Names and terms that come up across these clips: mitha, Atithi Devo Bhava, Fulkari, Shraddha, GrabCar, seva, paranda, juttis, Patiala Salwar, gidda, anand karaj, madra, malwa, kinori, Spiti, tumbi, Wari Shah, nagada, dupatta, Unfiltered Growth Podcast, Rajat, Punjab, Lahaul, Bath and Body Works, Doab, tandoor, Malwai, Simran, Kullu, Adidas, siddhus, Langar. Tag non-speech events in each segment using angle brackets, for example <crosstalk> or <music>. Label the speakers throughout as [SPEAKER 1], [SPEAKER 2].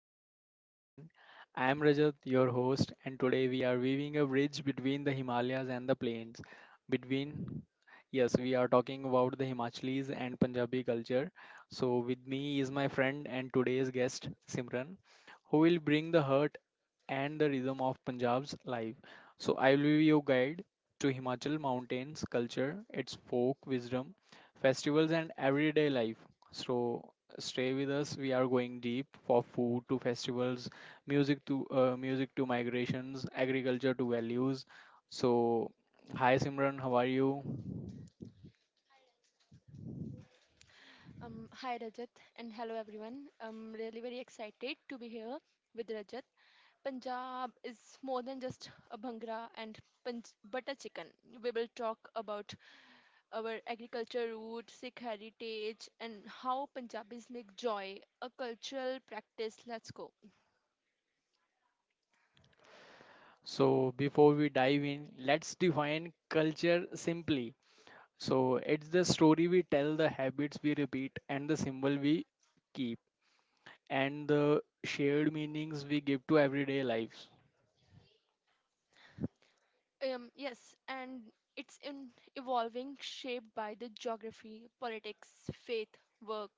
[SPEAKER 1] Sat Sri Akal, everyone. I'm Rajat, your host, and today we are weaving a bridge between the Himalayas and the plains. Between, yes, we are talking about the Himachalis and Punjabi culture. So, with me is my friend and today's guest, Simran, who will bring the heart and the rhythm of Punjab's life. So, I will be your guide to Himachal mountains culture, its folk wisdom, festivals, and everyday life. So, stay with us. We are going deep for food to festivals, music to migrations, agriculture to values. So, hi Simran, how are you?
[SPEAKER 2] Hi Rajat and hello everyone. I'm really very excited to be here with Rajat. Punjab is more than just a bhangra and but chicken. We will talk about our agriculture route, Sikh heritage, and how Punjabis make joy a cultural practice. Let's go.
[SPEAKER 1] So, before we dive in, let's define culture simply. So it's the story we tell, the habits we repeat, and the symbol we keep, and the shared meanings we give to everyday lives.
[SPEAKER 2] Yes, and it's in evolving, shaped by the geography, politics, faith, work,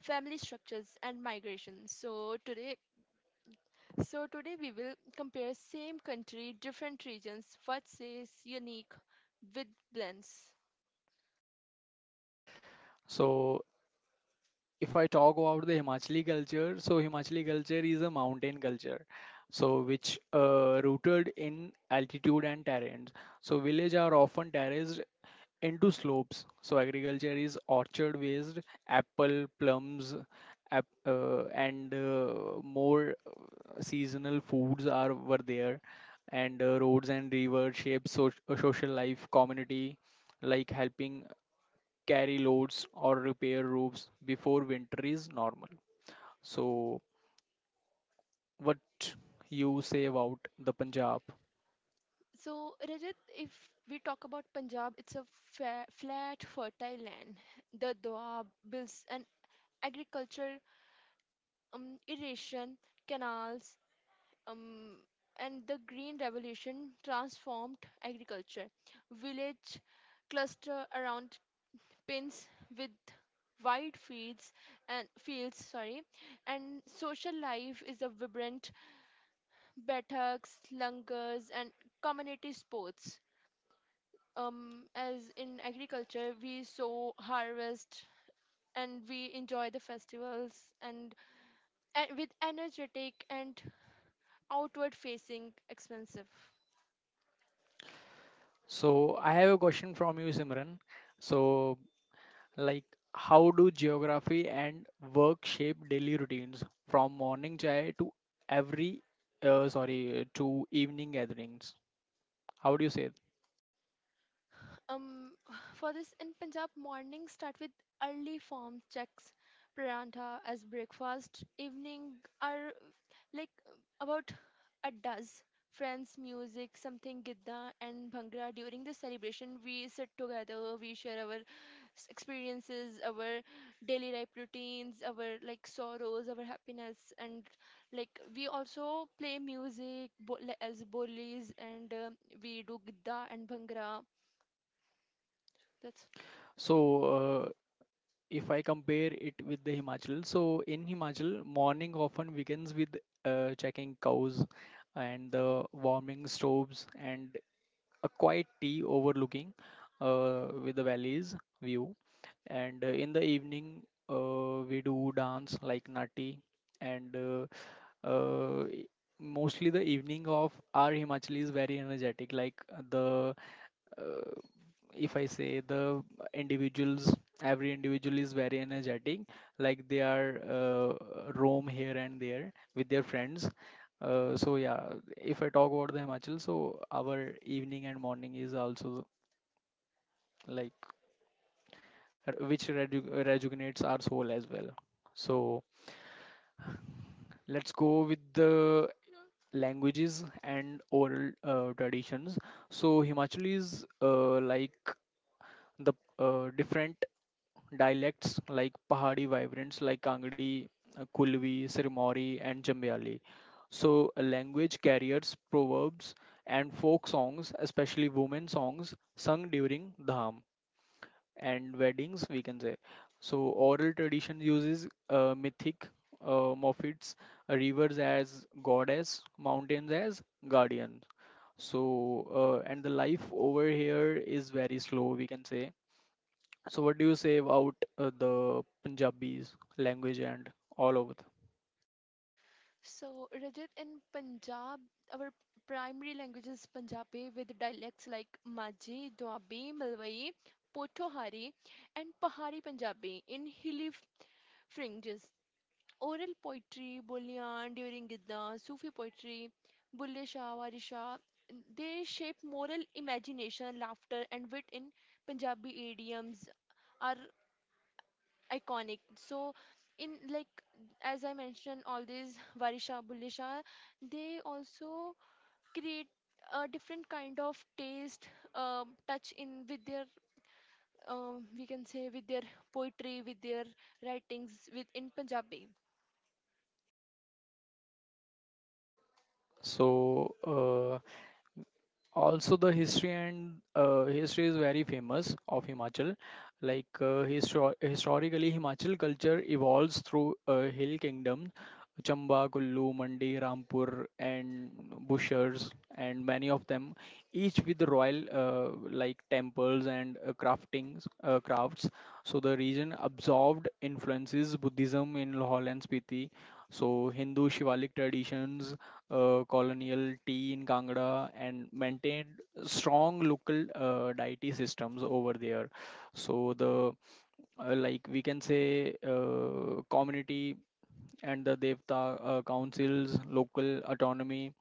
[SPEAKER 2] family structures, and migration. So today we will compare same country, different regions, what says unique with blends.
[SPEAKER 1] So if I talk about the Himachali culture, so Himachali culture is a mountain culture, so which rooted in altitude and terrains. So villages are often terraced into slopes. So agriculture is orchard based, apple, plums, and more seasonal foods are were there, and roads and rivers shape social life, community, like helping carry loads or repair roofs before winter is normal. So what you say about the Punjab?
[SPEAKER 2] So Rajat, if we talk about Punjab, it's a flat, fertile land. The Doab, bills and agriculture, irrigation, canals, um, and the Green Revolution transformed agriculture. Village cluster around pins with wide fields and fields sorry and social life is a vibrant bataks langurs and community sports, as in agriculture we sow harvest and we enjoy the festivals and, and with energetic and outward facing expensive.
[SPEAKER 1] So I have a question from you, Simran. So, like, how do geography and work shape daily routines from morning chai to every, evening gatherings? How do you say it?
[SPEAKER 2] Um, <sighs> for this in Punjab, mornings start with early form checks, pranta as breakfast, evening are like about a dozen friends, music, something gidda and bhangra. During the celebration, we sit together, we share our experiences, our daily life routines, our like sorrows, our happiness, and like we also play music like, as bolis and we do gidda and bhangra. That's.
[SPEAKER 1] So, if I compare it with the Himachal, so in Himachal, morning often begins with checking cows and the warming stoves and a quiet tea overlooking with the valley's view. And in the evening, we do dance like Nati and uh, e- mostly the evening of our Himachal is very energetic. Like the uh, if I say the individuals, every individual is very energetic, like they are roam here and there with their friends, so yeah, if I talk about the Himachal, so our evening and morning is also like which rejuvenates our soul as well. So let's go with the languages and oral traditions. So Himachalis, like the different dialects like Pahadi vibrants like Kangdi, Kulvi, Sirmauri, and Jambiali. So, language carriers, proverbs, and folk songs, especially women songs, sung during dham and weddings, we can say. So, oral tradition uses mythic motifs, rivers as goddess, mountains as guardian. So, and the life over here is very slow, we can say. So what do you say about the Punjabi's language and all over?
[SPEAKER 2] So, Rajat, in Punjab, our primary language is Punjabi with dialects like Majhi, Doabi, Malwai, Potohari, and Pahari Punjabi in hilly fringes. Oral poetry, boliyan, during Gidda, Sufi poetry, Bulle Shah, Wari Shah, they shape moral imagination, laughter, and wit in Punjabi idioms. Our iconic. So in like as I mentioned, all these <laughs> Varisha Bulisha, they also create a different kind of taste, touch in with their, we can say with their poetry, with their writings with in Punjabi.
[SPEAKER 1] So also the history, and history is very famous of Himachal. Like historically, Himachal culture evolves through hill kingdom, Chamba, Kullu, Mandi, Rampur, and Bushers, and many of them, each with royal like temples and crafting crafts. So the region absorbed influences Buddhism in Lahaul and Spiti, so Hindu Shivalik traditions, colonial tea in Kangra, and maintained strong local deity systems over there. So the like we can say community and the devta councils, local autonomy,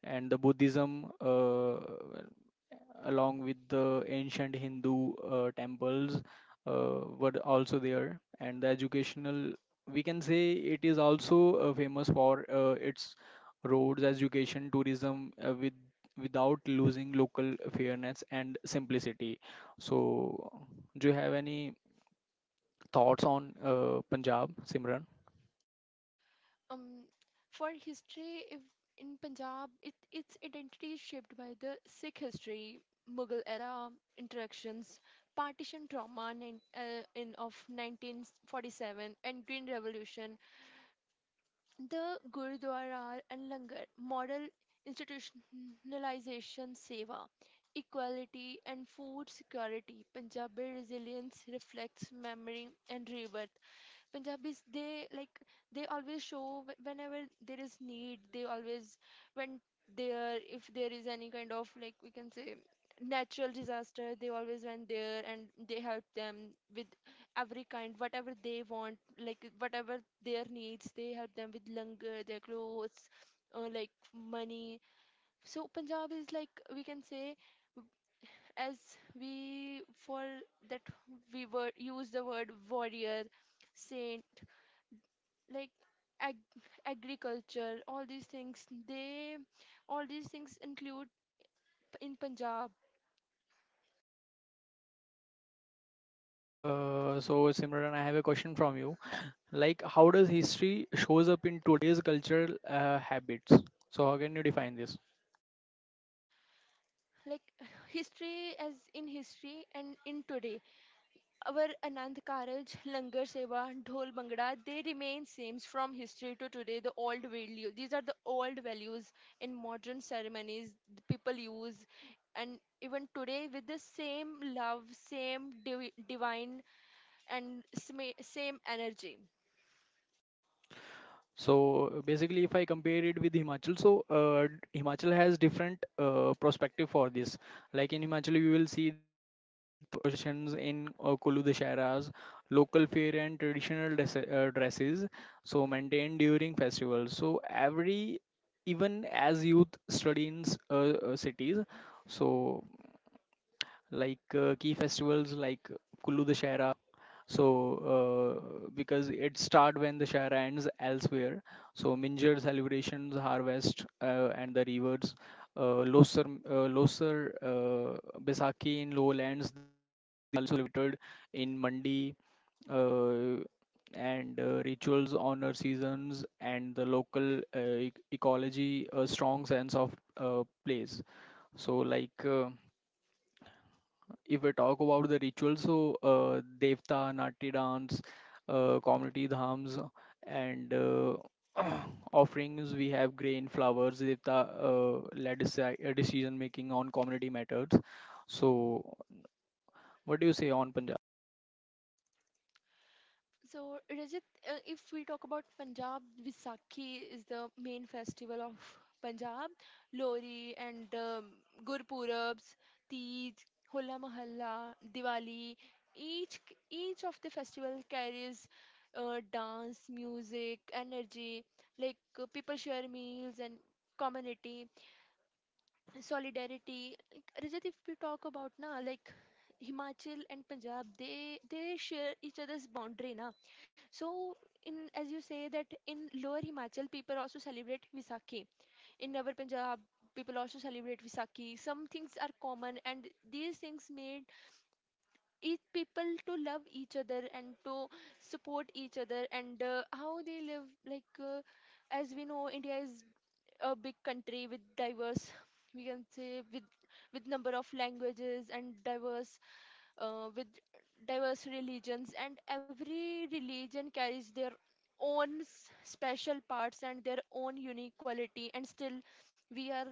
[SPEAKER 1] and the Buddhism along with the ancient Hindu temples were also there, and the educational, we can say, it is also famous for its roads, education, tourism, with without losing local fairness and simplicity. So do you have any thoughts on Punjab, Simran?
[SPEAKER 2] um, for history, if in Punjab, its identity is shaped by the Sikh history, Mughal era interactions, partition trauma in of 1947, and Green Revolution, the Gurudwara and Langar, moral institutionalization, seva, equality, and food security. Punjabi resilience reflects memory and river. Punjabis, they like they always show whenever there is need. They always when there if there is any kind of like we can say natural disaster, they always went there and they help them with every kind whatever they want, like whatever their needs. They help them with langar, their clothes, like money. So Punjab is like we can say as we for that we were use the word warrior saint like agriculture all these things they all these things include in punjab.
[SPEAKER 1] So Simran, I have a question from you. Like, how does history shows up in today's cultural habits? So, how can you define this?
[SPEAKER 2] Like <sighs> history as in history and in today our anand karaj langar seva dhol bhangra they remain same from history to today the old value these are the old values in modern ceremonies the people use and even today with the same love same divine and same energy.
[SPEAKER 1] So, basically, if I compare it with Himachal, so Himachal has different perspective for this. Like in Himachal, you will see processions in Kulu Dasharas, local fair and traditional dresses, so maintained during festivals. So, every even as youth study in cities, so like key festivals like Kullu Dashera. So, because it start when the share ends elsewhere. So, Minjar celebrations, harvest, and the rivers. Losar, Baisakhi in lowlands, the celebrated in Mandi, uh, and rituals honor seasons and the local ecology, a strong sense of place. So, like. If we talk about the rituals, so Devta, Nati dance, community dhams, and <clears throat> offerings, we have grain, flowers, Devta led decision making on community matters. So, what do you say on Punjab?
[SPEAKER 2] So, Rajat, if we talk about Punjab, Vaisakhi is the main festival of Punjab. Lohri and Gurpurabs, Teej, Hola Mahalla, Diwali. Each each of the festival carries dance, music, energy. Like people share meals and community solidarity like Rajat, if we talk about na like Himachal and Punjab they share each other's boundary na, so in as you say that in lower Himachal people also celebrate Visakhi in our Punjab people also celebrate Visakhi some things are common and these things made each people to love each other and to support each other and how they live like as we know India is a big country with diverse we can say with number of languages and diverse, with diverse religions and every religion carries their own special parts and their own unique quality and still we are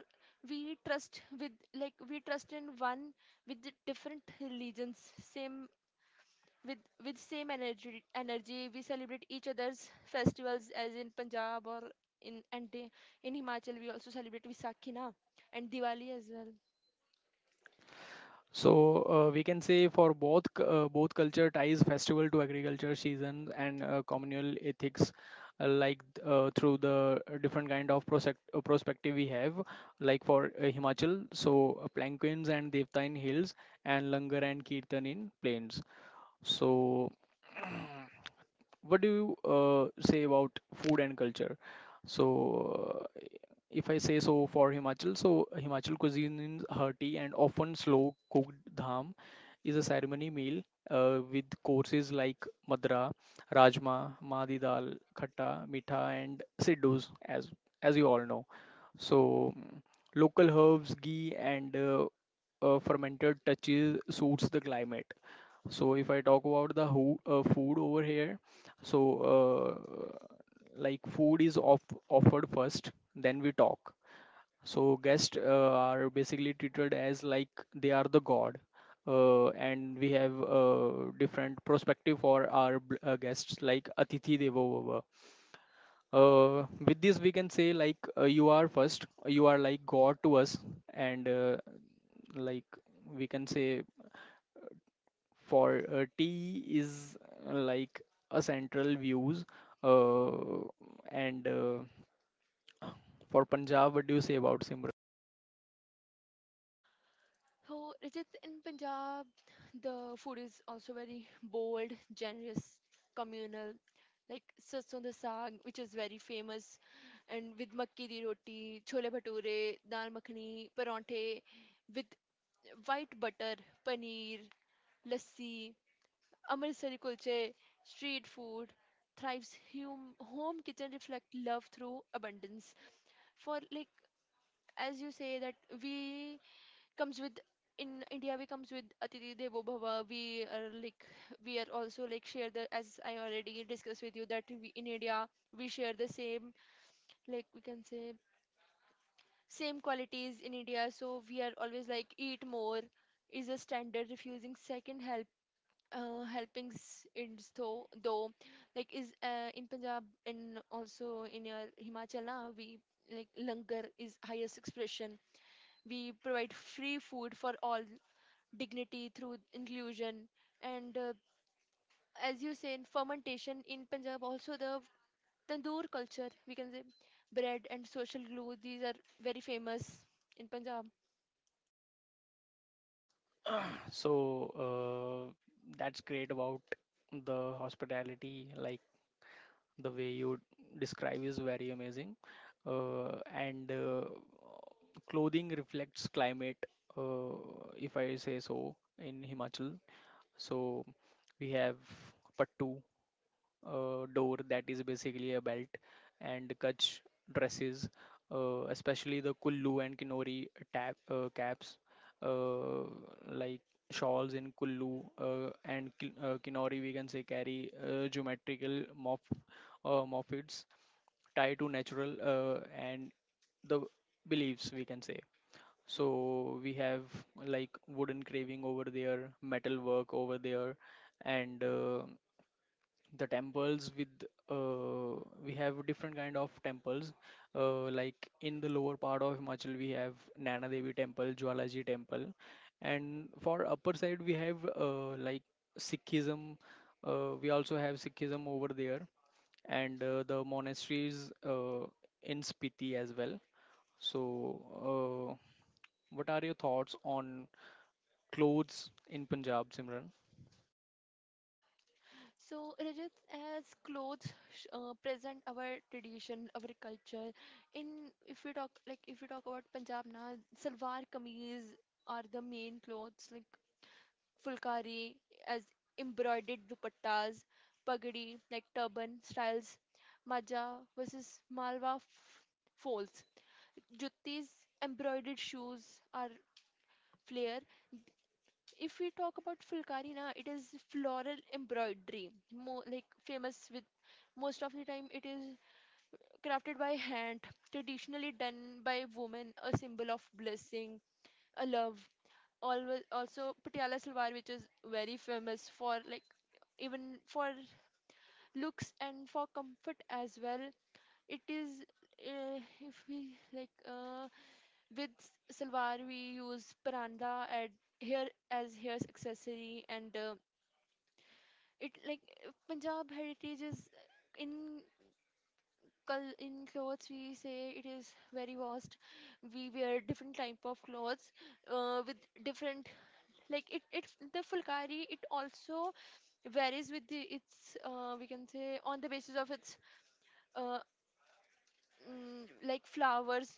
[SPEAKER 2] we trust with like we trust in one with the different religions same with with same energy we celebrate each other's festivals as in punjab or in and in himachal we also celebrate Vaisakhi na and diwali as well.
[SPEAKER 1] So we can say for both both culture ties festival to agriculture seasons and communal ethics, uh, like through the different kind of perspective we have, like for Himachal, so Plankins and Devta in hills, and Langar and Kirtan in plains. So <clears throat> what do you say about food and culture? So, if I say so for Himachal, so Himachal cuisine is hearty and often slow cooked. Dham is a ceremony meal with courses like madra, rajma, madi dal, khatta, mitha, and siddhus, as you all know. So, local herbs, ghee, and fermented touches suits the climate. So if I talk about the who, food over here, so like food is offered first, then we talk. So guests are basically treated as like they are the god, and we have different perspective for our guests like Atithi Devo Bhava. With this, we can say like you are first, you are like god to us, and like we can say for tea is like a central views, uh, and for Punjab, what do you say about, Simran?
[SPEAKER 2] So Rajat, in punjab the food is also very bold generous communal like sarson da saag which is very famous and with makki di roti chole bhature dal makhani paranthe with white butter paneer lassi Amritsari kulche, street food, thrives hum, home kitchen reflect love through abundance. For like as you say that we comes with in India we comes with Atiti Devo Bhava. We are like we are also like share the as I already discussed with you that we in India we share the same like we can say same qualities in India. So we are always like eat more is a standard refusing second help, helping in though like is in Punjab and also in your Himachal na, we like langar is highest expression. We provide free food for all dignity through inclusion and, as you say in fermentation in Punjab also the tandoor culture we can say bread and social glue these are very famous in Punjab.
[SPEAKER 1] <clears throat> So uh, that's great about the hospitality, like the way you describe is very amazing. Uh, and clothing reflects climate. uh, if I say so, in Himachal, so we have pattu, door, that is basically a belt, and kutch dresses, especially the kullu and kinori tap, caps, uh, like shawls in Kullu and kinori, we can say, carry geometrical morphids tied to natural and the beliefs, we can say. So we have like wooden carving over there, metal work over there, and the temples with, we have different kind of temples, like in the lower part of Himachal we have Nana Devi temple, Jwalaji temple, and for upper side we have like Sikhism, we also have Sikhism over there, and the monasteries in Spiti as well. So uh, what are your thoughts on clothes in Punjab, Simran?
[SPEAKER 2] So, Rajat, as clothes present our tradition, our culture. In if we talk like if we talk about Punjab now, salwar kameez are the main clothes like fulkari as embroidered dupattas, pagdi like turban styles, maja versus malwa folds, juttis embroidered shoes are flare, if we talk about Fulkari na, it is floral embroidery, more like famous with most of the time it is crafted by hand, traditionally done by women, a symbol of blessing, a love. Always, also Patiala Salwar, which is very famous for like even for looks and for comfort as well. It is, if we like with salwar we use paranda at here as hair's accessory and, it like Punjab heritage is in in clothes we say it is very vast. We wear different type of clothes with different like it the fulkari it also varies with the its, we can say on the basis of its, uh, mm, like flowers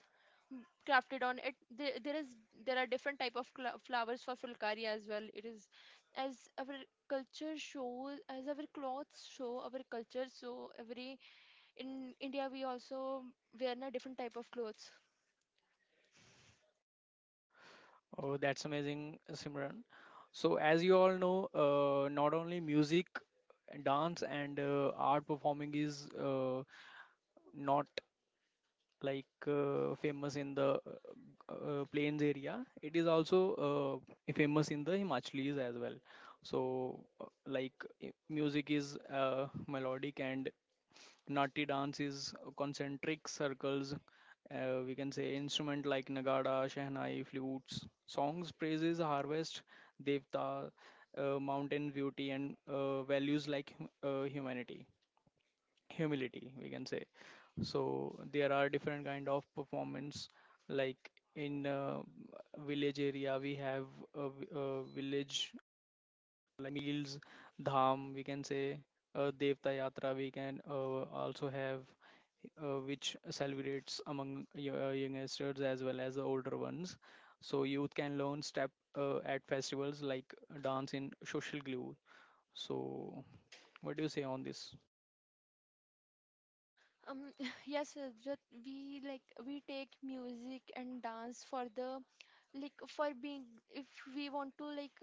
[SPEAKER 2] crafted on it there, there is there are different type of cla flowers for fulkari as well it is as our culture shows as our clothes show our culture so every in india we also wear a different type of clothes.
[SPEAKER 1] Oh, that's amazing, Simran. So, as you all know, not only music, dance, and art performing is not like famous in the plains area, it is also famous in the Himachalis as well. So music is melodic, and Natti dance is concentric circles. We can say instrument like nagada, shehnai, flutes. Songs praises harvest, devta, mountain beauty, and values like humanity, humility. We can say. So there are different kind of performance, like in village area we have a, a village, hills, dham, we can say Devta Yatra. We can also have which celebrates among youngsters as well as the older ones. So youth can learn step at festivals like dance in social glue. So what do you say on this?
[SPEAKER 2] um <laughs> yes that we like we take music and dance for the like for being if we want to like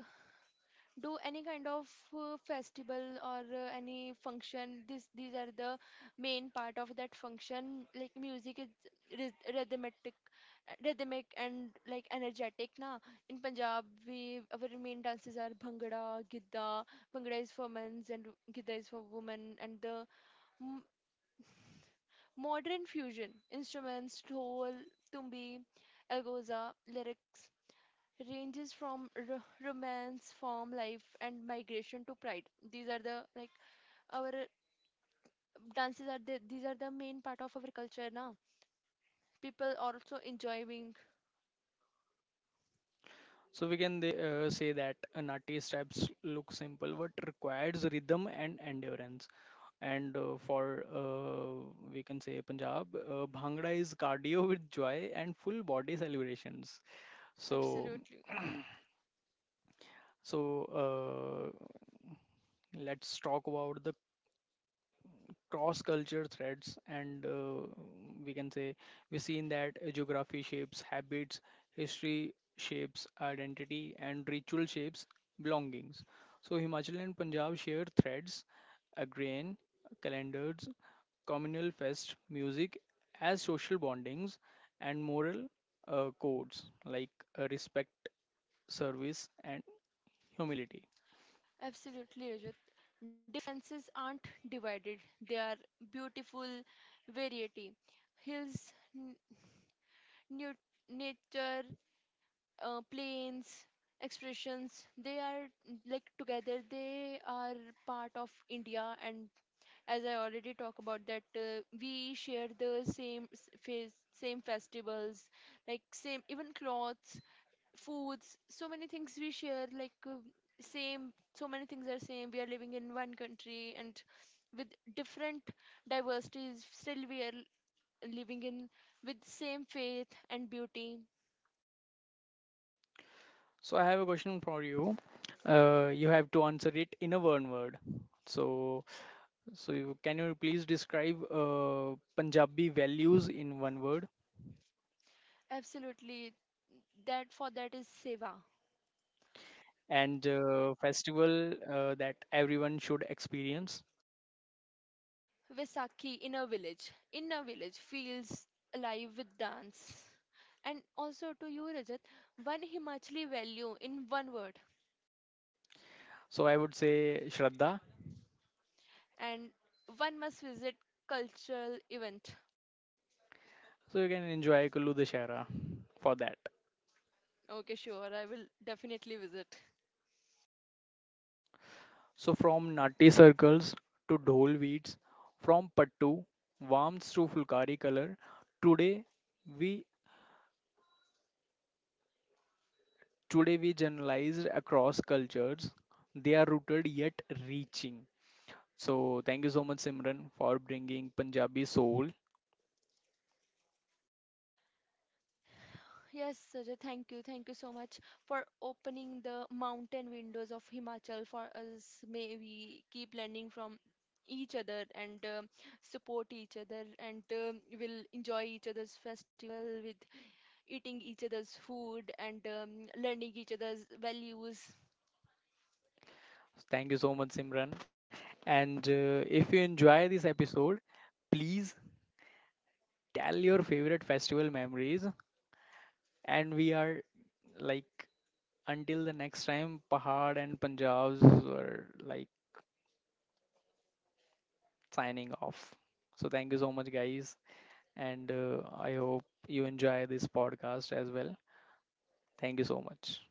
[SPEAKER 2] do any kind of festival or any function this these are the main part of that function like music is rhyth- rhythmic rhythmic and like energetic na. In punjab we our main dances are bhangra gidda. Bhangra is for men and gidda is for women and the m- modern fusion instruments dhol tumbi algoza lyrics ranges from romance, farm life, and migration to pride. These are the like our, dances are the these are the main part of our culture now. People are also enjoying
[SPEAKER 1] So we can they, say that Nati steps look simple but requires rhythm and endurance. And for we can say Punjab, Bhangra is cardio with joy and full body celebrations. So,
[SPEAKER 2] absolutely.
[SPEAKER 1] so let's talk about the cross culture threads, and we can say we seen that geography shapes habits, history shapes identity, and ritual shapes belongings. So Himachal and Punjab share threads: agrarian calendars, communal fest, music as social bondings, and moral codes like respect, service, and humility.
[SPEAKER 2] Absolutely, Rajat. Differences aren't divided; they are beautiful variety. Hills, new nature, plains, expressions. They are like together. They are part of India and as I already talked about that we share the same face, same festivals, like same even clothes, foods, so many things we share. Like same, so many things are same. We are living in one country and with different diversities. Still, we are living in with same faith and beauty.
[SPEAKER 1] So I have a question for you. You have to answer it in a one word. So, can you please describe Punjabi values in one word,
[SPEAKER 2] Absolutely, that for that is seva.
[SPEAKER 1] and festival that everyone should experience?
[SPEAKER 2] Vaisakhi in a village. In a village feels alive with dance. And also to you, Rajat, one Himachali value in one word.
[SPEAKER 1] So I would say Shraddha.
[SPEAKER 2] And one must visit cultural event.
[SPEAKER 1] So you can enjoy Kullu Dashera for that.
[SPEAKER 2] Okay, sure. I will definitely visit.
[SPEAKER 1] So from Natti circles to Dhol beats, from Pattu warms to Fulkari color, today we Today we generalized across cultures. They are rooted yet reaching. So thank you so much, Simran, for bringing Punjabi soul.
[SPEAKER 2] Yes, Rajat, thank you. Thank you so much for opening the mountain windows of Himachal for us. May we keep learning from each other and support each other and, will enjoy each other's festival with eating each other's food and, learning each other's values.
[SPEAKER 1] Thank you so much, Simran. And if you enjoy this episode, please tell your favorite festival memories. And we are like, until the next time, Pahad and Punjabs are like signing off. So thank you so much, guys, and I hope you enjoy this podcast as well. Thanks so much.